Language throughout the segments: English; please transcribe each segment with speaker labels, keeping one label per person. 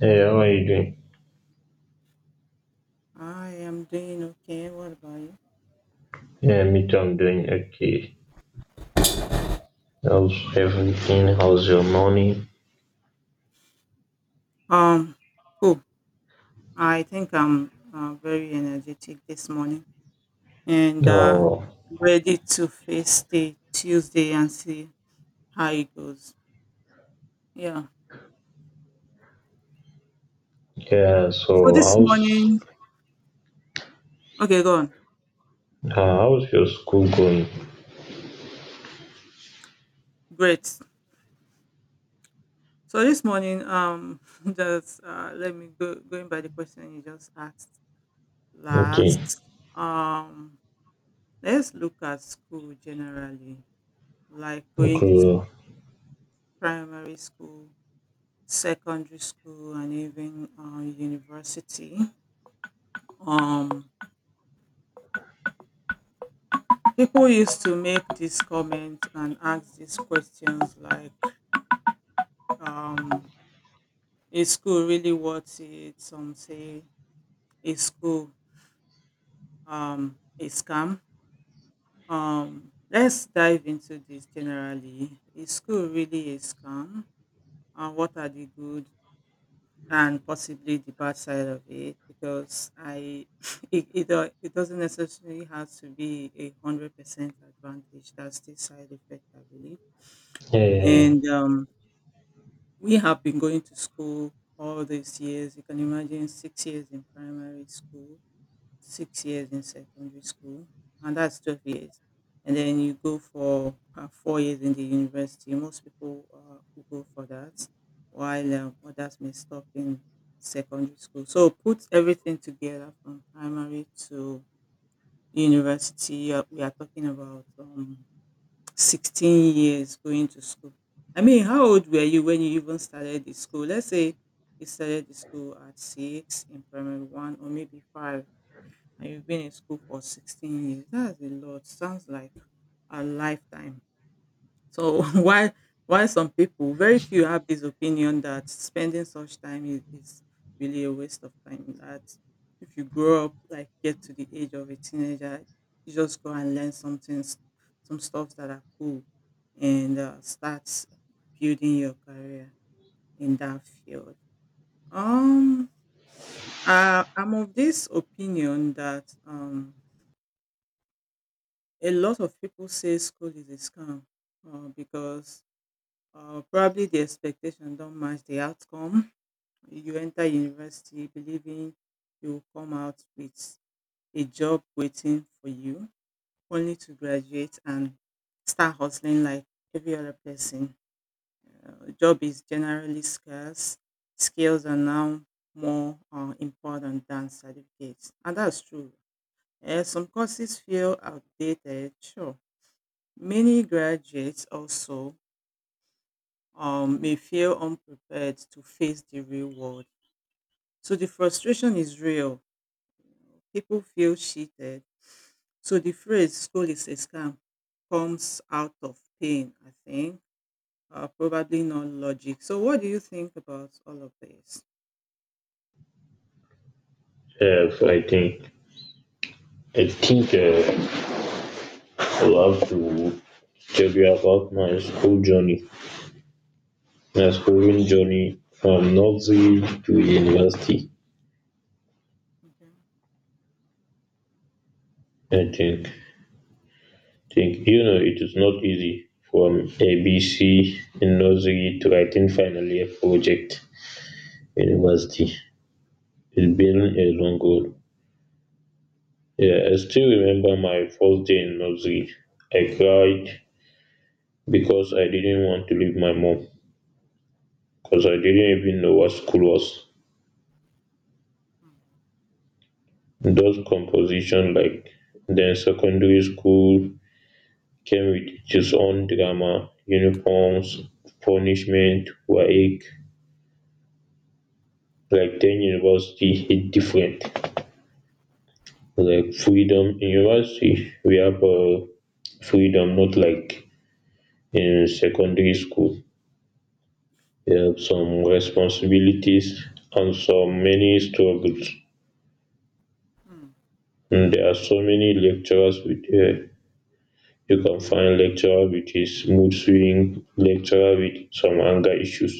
Speaker 1: Hey, how are you doing?
Speaker 2: I am doing okay. What about you?
Speaker 1: Yeah, me too. I'm doing okay. How's everything? How's your morning?
Speaker 2: Um, cool. I think I'm very energetic this morning and
Speaker 1: Oh,
Speaker 2: ready to face the Tuesday and see how it goes. Yeah.
Speaker 1: yeah.
Speaker 2: So
Speaker 1: So,
Speaker 2: this morning, okay, go on.
Speaker 1: how's your school going?
Speaker 2: Great. So this morning, just let me go going by the question you just asked
Speaker 1: Okay.
Speaker 2: last. Um, let's look at school generally, like
Speaker 1: Okay. Yeah.
Speaker 2: primary school, secondary school, and even university. um, People used to make this comment and ask these questions like, um, is school really worth it? Some say, is school a scam? Let's dive into this generally. Is school really a scam? What are the good and possibly the bad side of it, because I it, do- it doesn't necessarily have to be 100% advantage. That's the side effect, I believe.
Speaker 1: Yeah. Yeah.
Speaker 2: And we have been going to school all these years. You can imagine 6 years in primary school, 6 years in secondary school, and that's 12 years. And then you go for 4 years in the university. Most people will go for that, while others may stop in secondary school. So put everything together from primary to university. We are talking about 16 years going to school. I mean, how old were you when you even started the school? Let's say you started the school at six in primary one, or maybe five, and you've been in school for 16 years. That's a lot. Sounds like a lifetime. So why some people, very few, have this opinion that spending such time is really a waste of time. That if you grow up, like get to the age of a teenager, you just go and learn something, things, some stuff that are cool, and start building your career in that field. Um, I'm of this opinion that a lot of people say school is a scam because probably the expectation don't match the outcome. You enter university believing you will come out with a job waiting for you, only to graduate and start hustling like every other person. Job is generally scarce. Skills are now more important than certificates, and that's true. Some courses feel outdated, sure. Many graduates also may feel unprepared to face the real world. So the frustration is real. People feel cheated. So the phrase "school is a scam" comes out of pain, I think, probably not logic. So what do you think about all of this?
Speaker 1: Yeah, so I think I'll have to tell you about my school journey. My
Speaker 2: Hmm,
Speaker 1: schooling journey from nursery to university.
Speaker 2: okay.
Speaker 1: I think. Think You know, It is not easy from ABC in nursery to writing final year project university. It's been a long road. Yeah, I still remember my first day in nursery. I cried because I didn't want to leave my mom, because I
Speaker 2: Hmm,
Speaker 1: didn't even know what school was.
Speaker 2: hmm,
Speaker 1: Those composition, like, then secondary school came with its own drama, uniforms, punishment, work. Like then university hit different. Like freedom in university, we have freedom, not like in secondary school. We have some responsibilities and some many struggles,
Speaker 2: hmm,
Speaker 1: and there are so many lecturers with you can find lecturer with his mood swing, lecturer with some anger issues.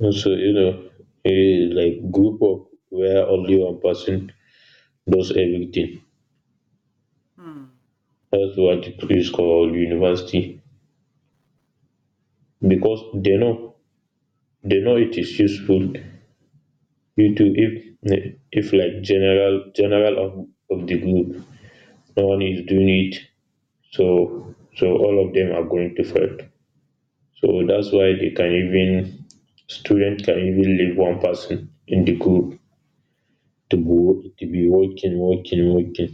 Speaker 1: And so, a, like, group of where only one person does everything.
Speaker 2: hmm,
Speaker 1: That's what it is called university, because they know it is useful. You too, if like general of the group, no one is doing it, so all of them are going to fail. So that's why they can even student can even leave one person in the group to be working, working, working.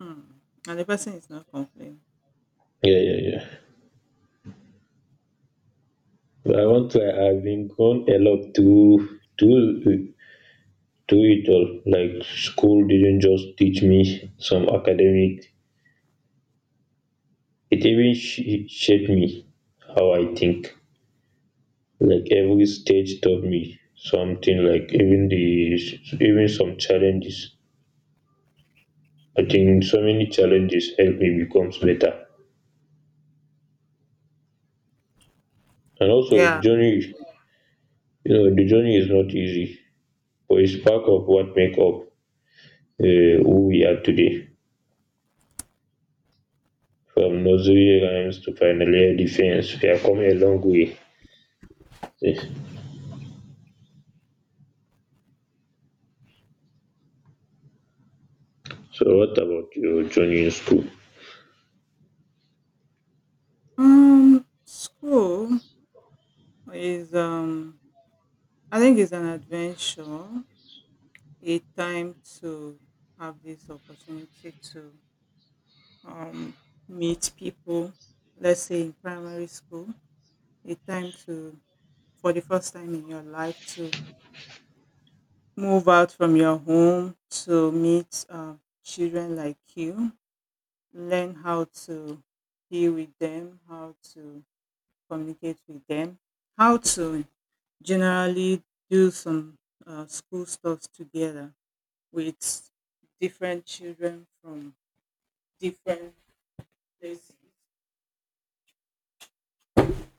Speaker 2: hmm. And the person is not complaining.
Speaker 1: Yeah, yeah, yeah. But I want to.
Speaker 2: Okay.
Speaker 1: I've been gone a lot to it all. Like school didn't just teach me some academic. It even shaped me, how I think. Like
Speaker 2: Hmm.
Speaker 1: every stage taught me something. Like even some challenges. I think so many challenges help me becomes better. And also the
Speaker 2: Yeah.
Speaker 1: journey, you know, the journey is not easy, but it's part of what make up who we are today. From nursery rhymes to finally defense, we have come a long way. Yes. So what about your journey in school?
Speaker 2: School is. I think it's an adventure, a time to have this opportunity to um, meet people, let's say in primary school, a time to, for the first time in your life, to move out from your home to meet children like you, learn how to be with them, how to communicate with them, how to generally do some school stuff together with different children from different places.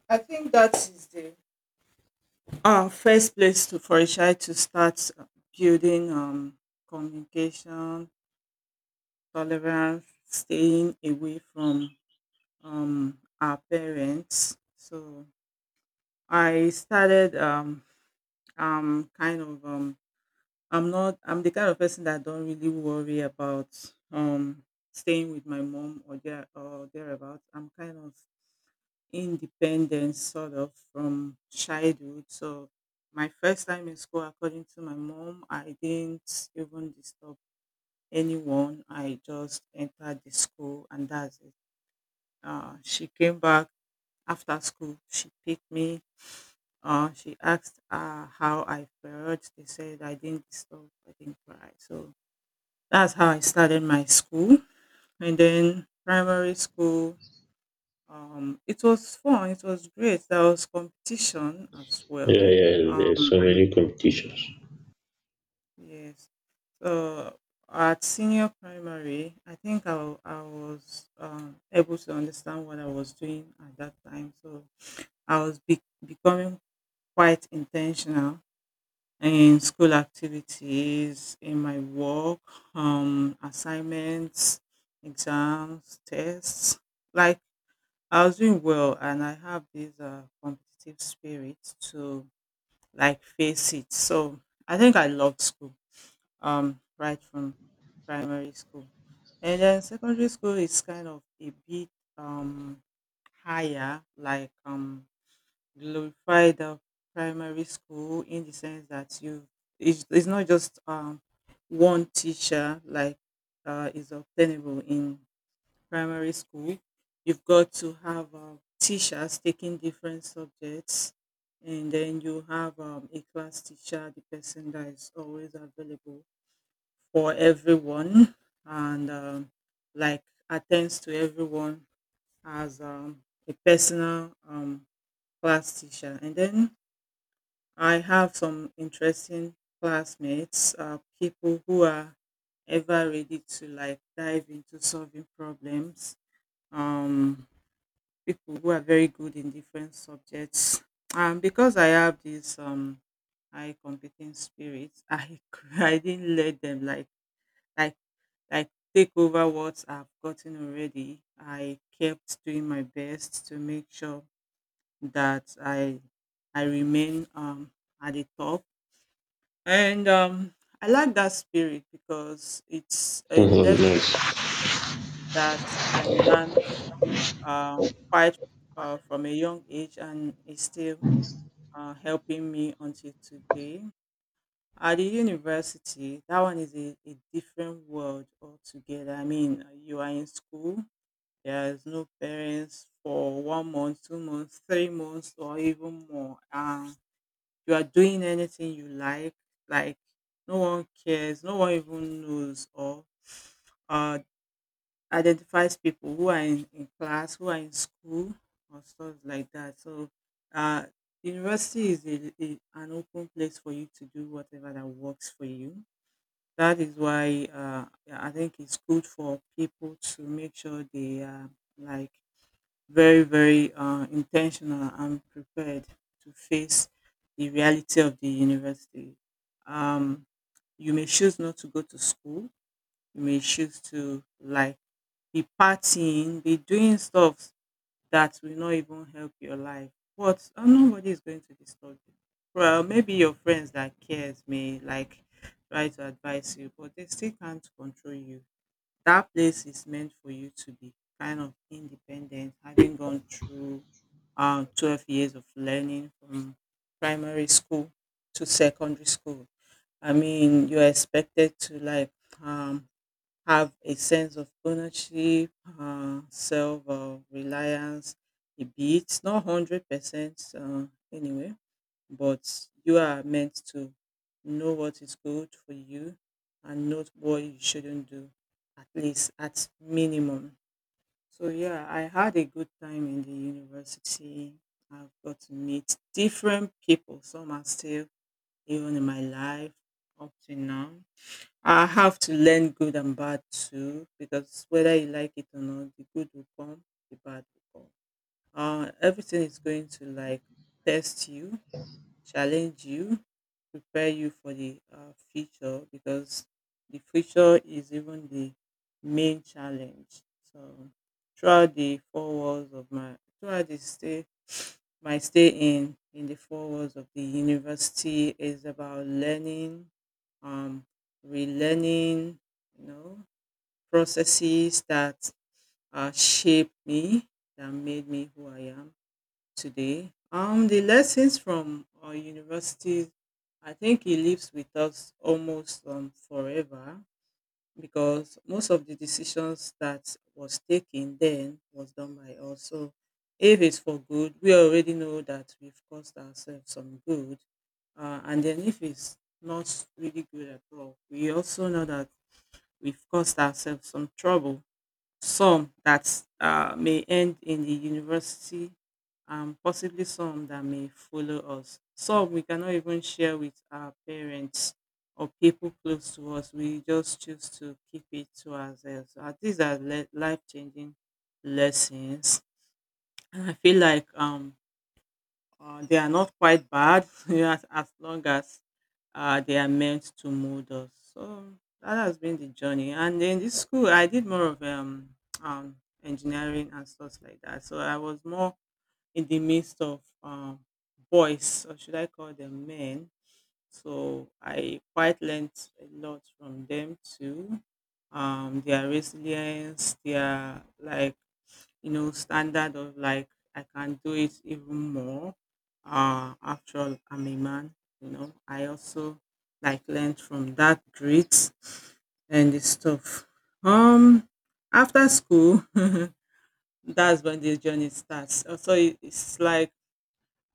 Speaker 2: I think that is the first place to, for a child to start building communication, tolerance, staying away from our parents. So I started kind of I'm not I'm the kind of person that don't really worry about um, staying with my mom or there or thereabouts. I'm kind of independence sort of from childhood. So my first time in school, according to my mom, I didn't even disturb anyone. I just entered the school and that's it. She came back after school. She picked me. She asked how I felt. They said I didn't disturb. I didn't cry. So that's how I started my school. And then primary school, it was fun. It was great. There was competition as
Speaker 1: Yeah,
Speaker 2: well.
Speaker 1: yeah,
Speaker 2: Um,
Speaker 1: there's so many competitions.
Speaker 2: yes. So at senior primary, I was able to understand what I was doing at that time. So I was becoming quite intentional in school activities, in my work, assignments, exams, tests. Like I was doing well, and I have this competitive spirit to like face it. So I think I loved school right from primary school. And then secondary school is kind of a bit um, higher, like glorified primary school in the sense that it's not just one teacher like is obtainable in primary school. You've got to have teachers taking different subjects, and then you have a class teacher, the person that is always available for everyone, and like attends to everyone as a personal class teacher. And then I have some interesting classmates, people who are ever ready to like dive into solving problems. Um, People who are very good in different subjects. And because I have this high competing spirit, I I didn't let them like like take over what I've gotten already. I kept doing my best to make sure that I remain at the top. And I like that spirit because it's a lesson
Speaker 1: Nice.
Speaker 2: that I learned uh quite from a young age and is still helping me until today. At the university, that one is a different world altogether. I mean, you are in school, there's no parents for 1 month, 2 months, 3 months, or even more. You are doing anything you like no one cares, no one even knows, or uh, identifies people who are in class, who are in school, or stuff like that. So, uh, university is an open place for you to do whatever that works for you. That is why I think it's good for people to make sure they are like very, very intentional and prepared to face the reality of the university. Um, you may choose not to go to school. You may choose to like be partying, be doing stuff that will not even help your life. But nobody is going to disturb you. Well, maybe your friends that cares may like try to advise you, but they still can't control you. That place is meant for you to be kind of independent, having gone through 12 years of learning from primary school to secondary school. I mean, you're expected to like um, have a sense of ownership, self reliance a bit, not 100% anyway, but you are meant to know what is good for you and not what you shouldn't do, at least at minimum. So, yeah, I had a good time in the university. I've got to meet different people. Some are still even in my life up to now. I have to learn good and bad too, because whether you like it or not, the good will come, the bad will come. Everything is going to like test you, challenge you, prepare you for the future, because the future is even the main challenge. So throughout the stay my stay in the four walls of the university is about learning, um, relearning, you know, processes that shaped me, that made me who I am today. The lessons from our universities, I think it lives with us almost forever, because most of the decisions that was taken then was done by us. So if it's for good, we already know that we've caused ourselves some good. And then if it's not really good at all, we also know that we've caused ourselves some trouble. Some that may end in the university, and possibly some that may follow us. Some we cannot even share with our parents or people close to us. We just choose to keep it to ourselves. These are life-changing lessons. And I feel like they are not quite bad you know, as long as they are meant to mold us. So that has been the journey. And in this school, I did more of um, engineering and stuff like that. So I was more in the midst of boys, or should I call them men. So I quite learned a lot from them too. Their resilience, their like you know, standard of like I can do it even more. After all, I'm a man, you know. I also like learned from that grit and the stuff. Um, After school, that's when the journey starts. So it- it's like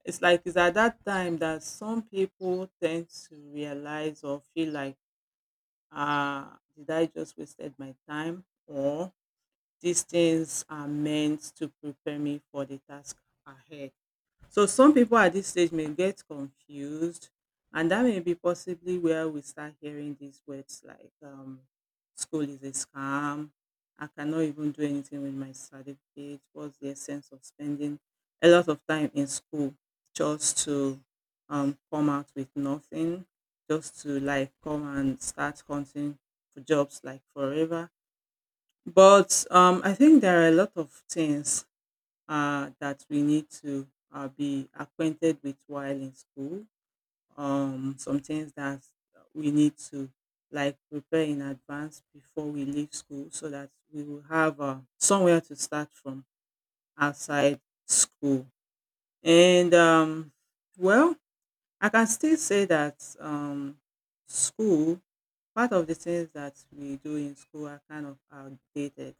Speaker 2: it's like it's at that time that some people tend to realize or feel like, ah, did I just wasted my time, or these things are meant to prepare me for the task ahead. So some people at this stage may get confused, and that may be possibly where we start hearing these words like school is a scam. I cannot even do anything with my certificate. What's the essence of spending a lot of time in school just to come out with nothing, just to like come and start hunting for jobs like forever? But I think there are a lot of things that we need to be acquainted with while in school. Some things that we need to like prepare in advance before we leave school so that we will have somewhere to start from outside school. And well, I can still say that school, part of the things that we do in school are kind of outdated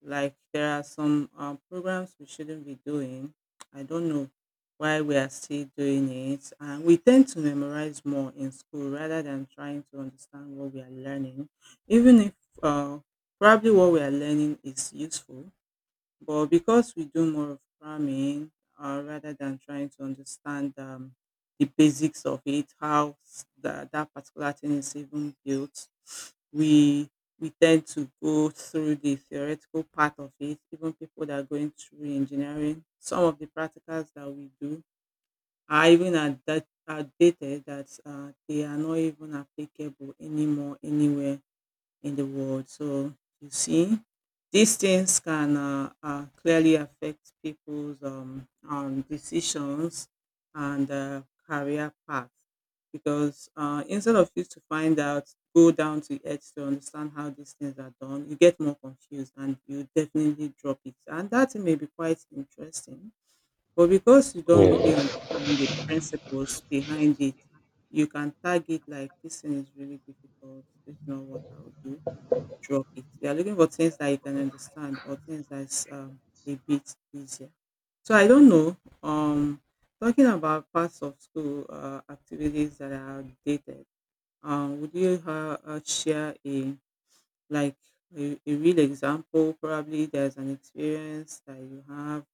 Speaker 2: like there are some programs we shouldn't be doing. I don't know why we are still doing it. And we tend to memorize more in school rather than trying to understand what we are learning, even if uh, probably what we are learning is useful. But because we do more of cramming rather than trying to understand the basics of it, how that particular thing is even built, we we tend to go through the theoretical part of it. Even people that are going through engineering, some of the practicals that we do are even at that are dated that they are not even applicable anymore anywhere in the world. So you see, these things can clearly affect people's decisions and career path because instead of you to find out, go down to earth to understand how these things are done, you get more confused and you definitely drop it. And that may be quite interesting, but because you don't really
Speaker 1: Yeah,
Speaker 2: understand the principles behind it, you can tag it like this thing is really difficult. It's not what I would do drop it. You are looking for things that you can understand or things that's a bit easier. So I don't know. Um, Talking about parts of school activities that are dated, would you share a like a real example? Probably there's an experience that you have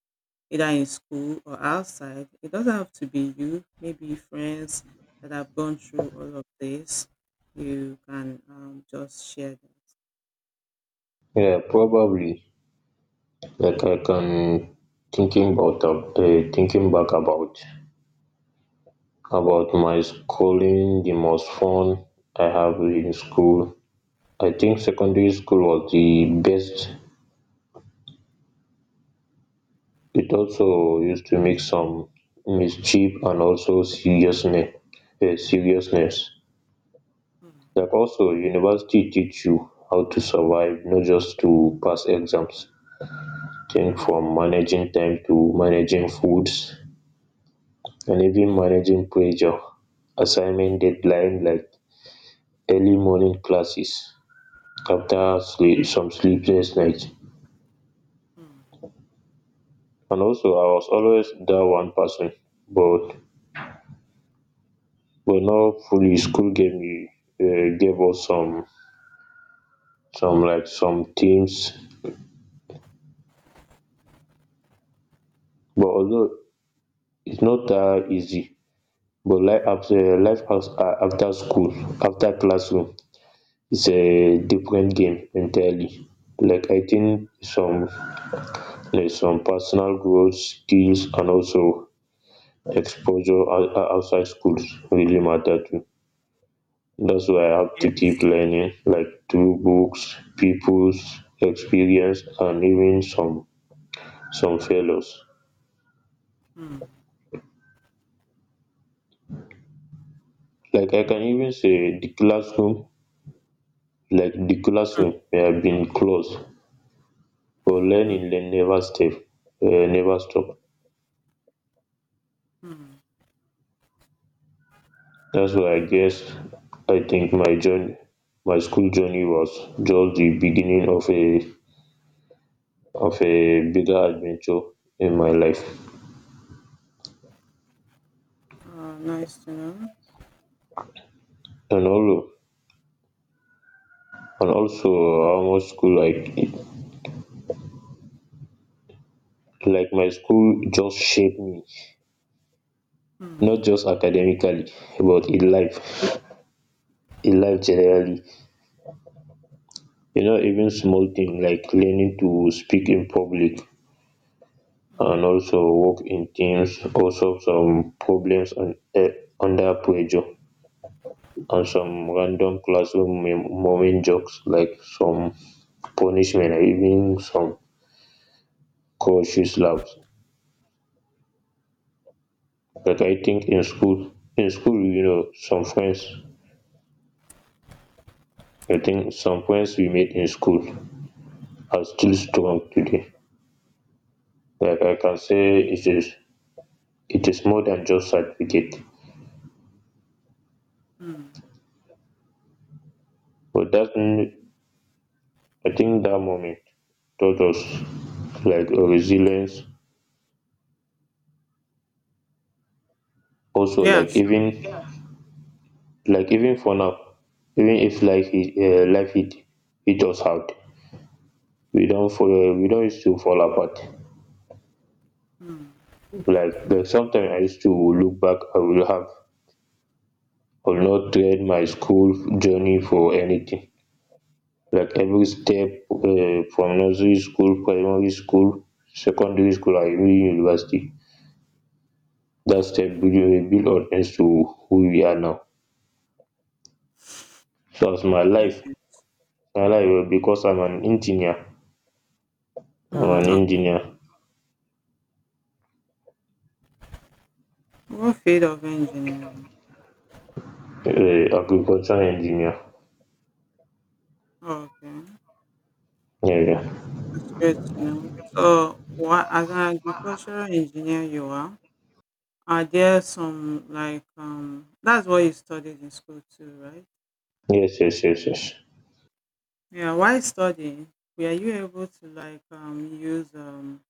Speaker 2: either in school or outside. It doesn't have to be you. Maybe friends that have gone through all of this. You can just share that.
Speaker 1: yeah, probably. Like I can thinking about eh, Thinking back about my schooling, the most fun I have in school. I think secondary school was the best. It also used to make some mischief and also seriousness. Like also university teach you how to survive, not just to pass exams. Think
Speaker 2: Hmm, hmm,
Speaker 1: from managing time to managing foods, and even
Speaker 2: hmm.
Speaker 1: managing pressure, assignment deadline, like early morning classes
Speaker 2: Mm,
Speaker 1: after sleep, some sleepless nights.
Speaker 2: mm,
Speaker 1: And also I was always that one person, but but not fully. School gave us some, some teams. But although it's not that easy, but life after after school, after classroom, is a different game entirely. Like I think some there's some personal growth skills, and also exposure outside schools really matter too. That's why I have to keep
Speaker 2: yes.
Speaker 1: learning, like through books, people's experience, and even some failures.
Speaker 2: Mm,
Speaker 1: Like I can even say the classroom, like the
Speaker 2: mm,
Speaker 1: classroom may have been closed, but
Speaker 2: mm,
Speaker 1: learning they never stop, never stop.
Speaker 2: mm.
Speaker 1: That's why I guess I think my journey, my school journey was just the beginning of a bigger adventure in my life.
Speaker 2: Oh, nice to know.
Speaker 1: And all, and also how much school, like my school just shaped me,
Speaker 2: Mm,
Speaker 1: not just academically but in life generally. Even small things like learning to speak in public,
Speaker 2: mm,
Speaker 1: and also work in teams, also some problems under pressure, and some random classroom moment jokes, like some punishment, and even some cautious laughs. But I think in school, some friends, I think some friends we made in school are still strong today. Like I can say it is more than just certificate.
Speaker 2: mm.
Speaker 1: But I think that moment taught us like a resilience, also
Speaker 2: Yeah,
Speaker 1: like
Speaker 2: sure.
Speaker 1: even like even for now. Even if life hit us hard, we don't used to fall apart.
Speaker 2: Mm,
Speaker 1: Like sometimes I used to look back, I will have will not trade my school journey for anything. Like every step, from nursery school, primary school, secondary school, and even university, that step build on us to who we are now. So as my life because I'm an engineer I'm an
Speaker 2: mm, okay.
Speaker 1: engineer
Speaker 2: What field of engineering?
Speaker 1: agriculture engineer.
Speaker 2: Oh, okay.
Speaker 1: Yeah, yeah.
Speaker 2: That's great to know. So, what as an agricultural engineer you are there some like that's what you studied in school too, right?
Speaker 1: Yes, yes, yes, yes.
Speaker 2: Yeah, while studying, were you able to like use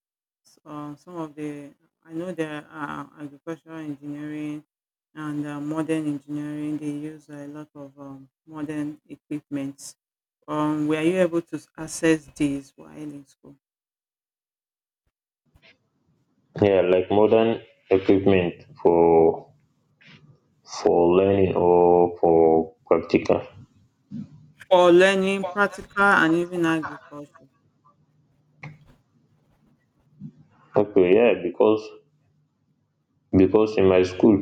Speaker 2: so some of the I know there are agricultural engineering and modern engineering. They use a lot of modern equipment. Were you able to access these while in school
Speaker 1: Yeah, like modern equipment, for for learning or for practical.
Speaker 2: for learning practical and even agriculture?
Speaker 1: Okay, yeah, because in my school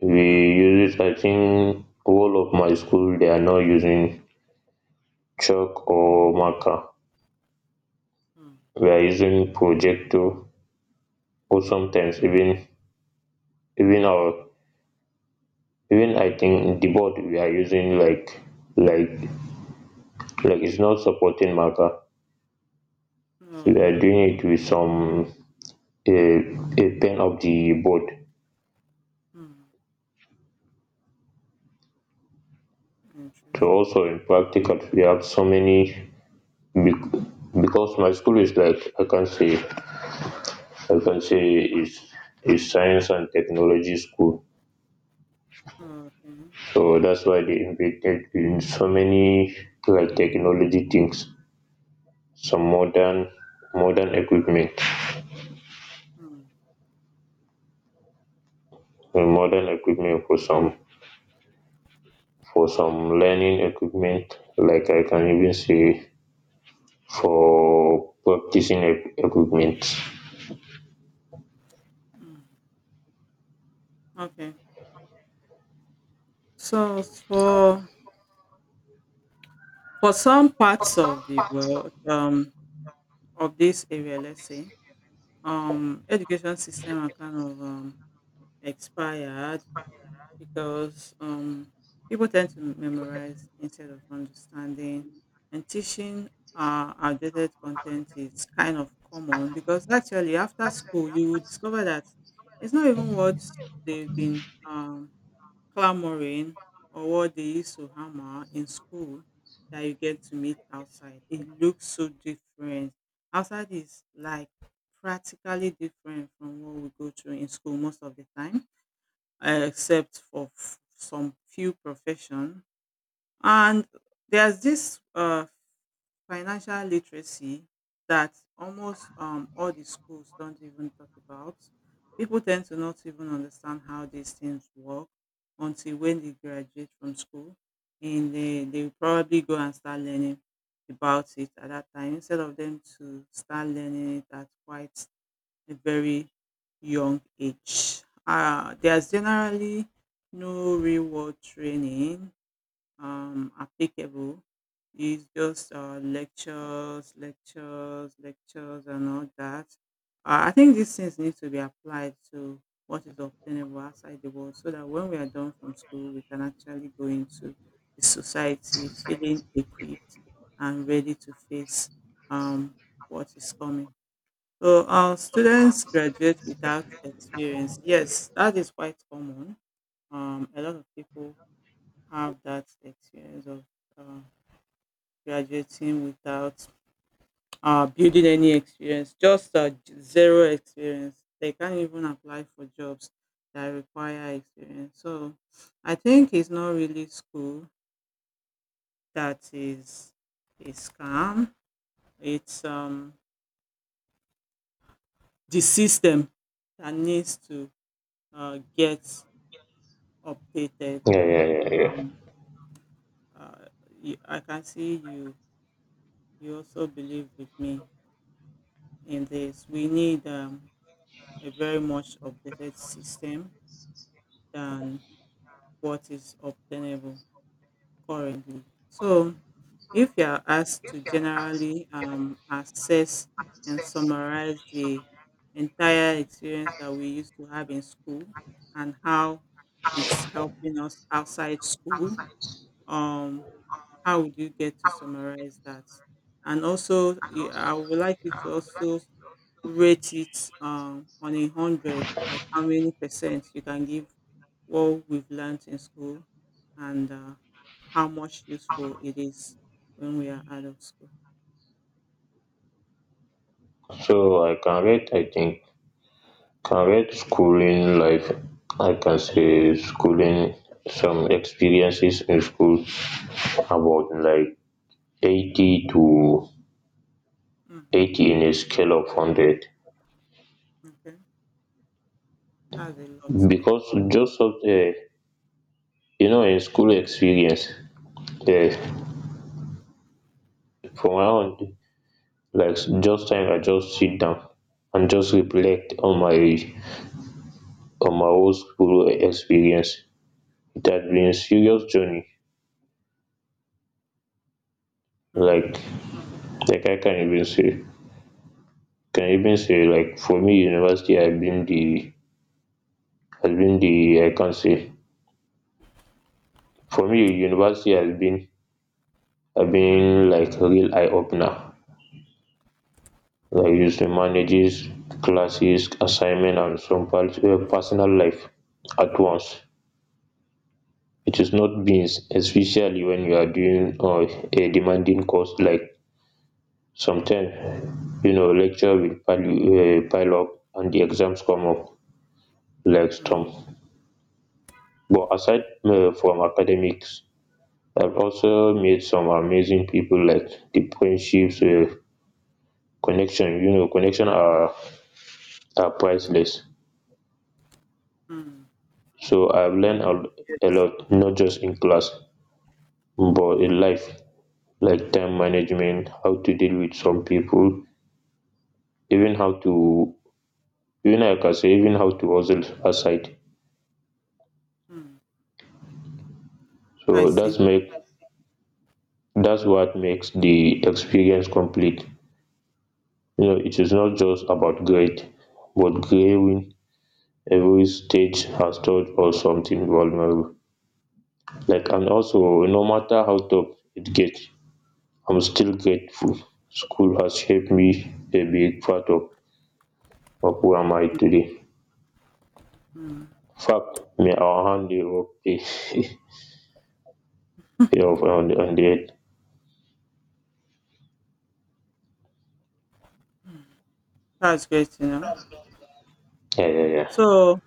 Speaker 1: we
Speaker 2: Hmm,
Speaker 1: use it. I think all of my school, they are now using chalk or marker,
Speaker 2: hmm,
Speaker 1: we are using projector, or sometimes
Speaker 2: hmm.
Speaker 1: even even our even I think the board we are using, like like it's not supporting marker, so we
Speaker 2: Oh,
Speaker 1: are
Speaker 2: okay.
Speaker 1: doing it with a, a pen of the board.
Speaker 2: Hmm,
Speaker 1: So
Speaker 2: interesting.
Speaker 1: also in practical we have so many, bec- because my school is, like, I can say, is is science and technology school.
Speaker 2: Oh, okay.
Speaker 1: So that's why they invented in so many, like, technology things, some modern equipment,
Speaker 2: Hmm,
Speaker 1: and modern equipment for some learning equipment. Like I can even say for practicing equipment.
Speaker 2: hmm. Okay. So for some parts of the world, of this area, let's say, education system are kind of expired because people tend to memorize instead of understanding and teaching outdated content is kind of common because actually after school you will discover that it's not even what they've been clamoring or what they used to hammer in school that you get to meet outside. It looks so different. Outside is like practically different from what we go through in school most of the time, except for some few profession. And there's this financial literacy that almost all the schools don't even talk about. People tend to not even understand how these things work until when they graduate from school and they will probably go and start learning about it at that time instead of them to start learning it at quite a very young age. There's generally no real world training applicable. It's just lectures, lectures, lectures, and all that. I think these things need to be applied to what is obtainable outside the world so that when we are done from school, we can actually go into the society feeling equipped and ready to face um, what is coming. So, our students graduate without experience. Yes, that is quite common. A lot of people have that experience of uh, graduating without building any experience, just zero experience. They can't even apply for jobs that require experience. So I think it's not really school that is a scam. It's the system that needs to get updated.
Speaker 1: Yeah, yeah, yeah, yeah.
Speaker 2: Um, uh, I can see you. You also believe with me in this. We need a very much updated system than what is obtainable currently. So, if you are asked to generally assess and summarize the entire experience that we used to have in school and how it's helping us outside school, um, how would you get to summarize that? And also, I would like you to also rate it on a hundred, like how many percent you can give what we've learned in school and how much useful it is when we are out of school.
Speaker 1: So I can rate. I think correct schooling life, I can say schooling, some experiences in school about like 80 to
Speaker 2: Mm,
Speaker 1: 80 in a scale of 100,
Speaker 2: okay, that's a lot stuff.
Speaker 1: because just of the,
Speaker 2: Mm,
Speaker 1: in school experience. um
Speaker 2: mm,
Speaker 1: for my own, like just time, I just sit down and just reflect on my whole school experience. It has been a serious journey.
Speaker 2: mm,
Speaker 1: Like like I can even say, like for me university has been the I can say for me university has been like a real eye opener. Like it manages classes, assignment, and some personal life at once. It is not beans, especially when you are doing a demanding course, like sometimes lecture will pile up and the exams come up like
Speaker 2: mm,
Speaker 1: storm. But aside from academics, I've also met some amazing people, like the friendships, connection are priceless.
Speaker 2: mm.
Speaker 1: So I've learned a
Speaker 2: Yes.
Speaker 1: lot, not just in class but in life, like time management, how to deal with some people, even
Speaker 2: Mm,
Speaker 1: how to, even I can say even how to hustle aside.
Speaker 2: mm. I
Speaker 1: So
Speaker 2: see.
Speaker 1: that's what makes the experience complete. It is not just about grade but growing. Every stage has touch or something vulnerable, like. And also, no matter how tough it gets, I'm still grateful. School has shaped me a big part of who am I today.
Speaker 2: Mm.
Speaker 1: In fact, may our hand dey work pay pay off on the on the end.
Speaker 2: That's great to know.
Speaker 1: Yeah, yeah, yeah,
Speaker 2: So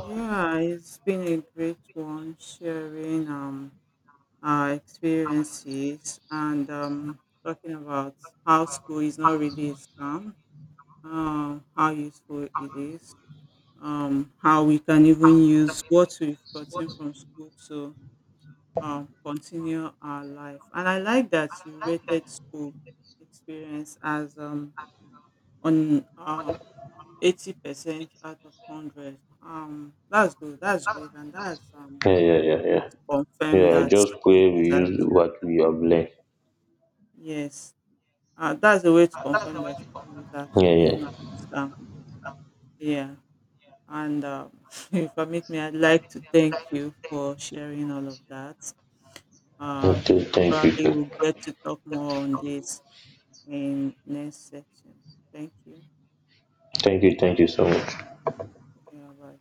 Speaker 2: yeah, it's been a great one sharing our experiences and talking about how school is not really a scam, how useful it is, how we can even use what we've gotten from school to continue our life. And I like that you rated school experience as on 80% out of 100. That's good. That's great. And that's
Speaker 1: yeah, yeah, yeah, yeah,
Speaker 2: to confirm
Speaker 1: yeah.
Speaker 2: that
Speaker 1: Just
Speaker 2: school
Speaker 1: pray we
Speaker 2: is
Speaker 1: use what
Speaker 2: actually,
Speaker 1: we have learned.
Speaker 2: yes, that's a way to confirm that school is
Speaker 1: Yeah,
Speaker 2: actually not
Speaker 1: yeah.
Speaker 2: a scam. Yeah. And if I make me, I'd like to thank you for sharing all of that. Uh,
Speaker 1: Okay, thank you.
Speaker 2: probably we'll get to talk more on this in next section. Thank you.
Speaker 1: Thank you, thank you so much.
Speaker 2: Yeah, bye.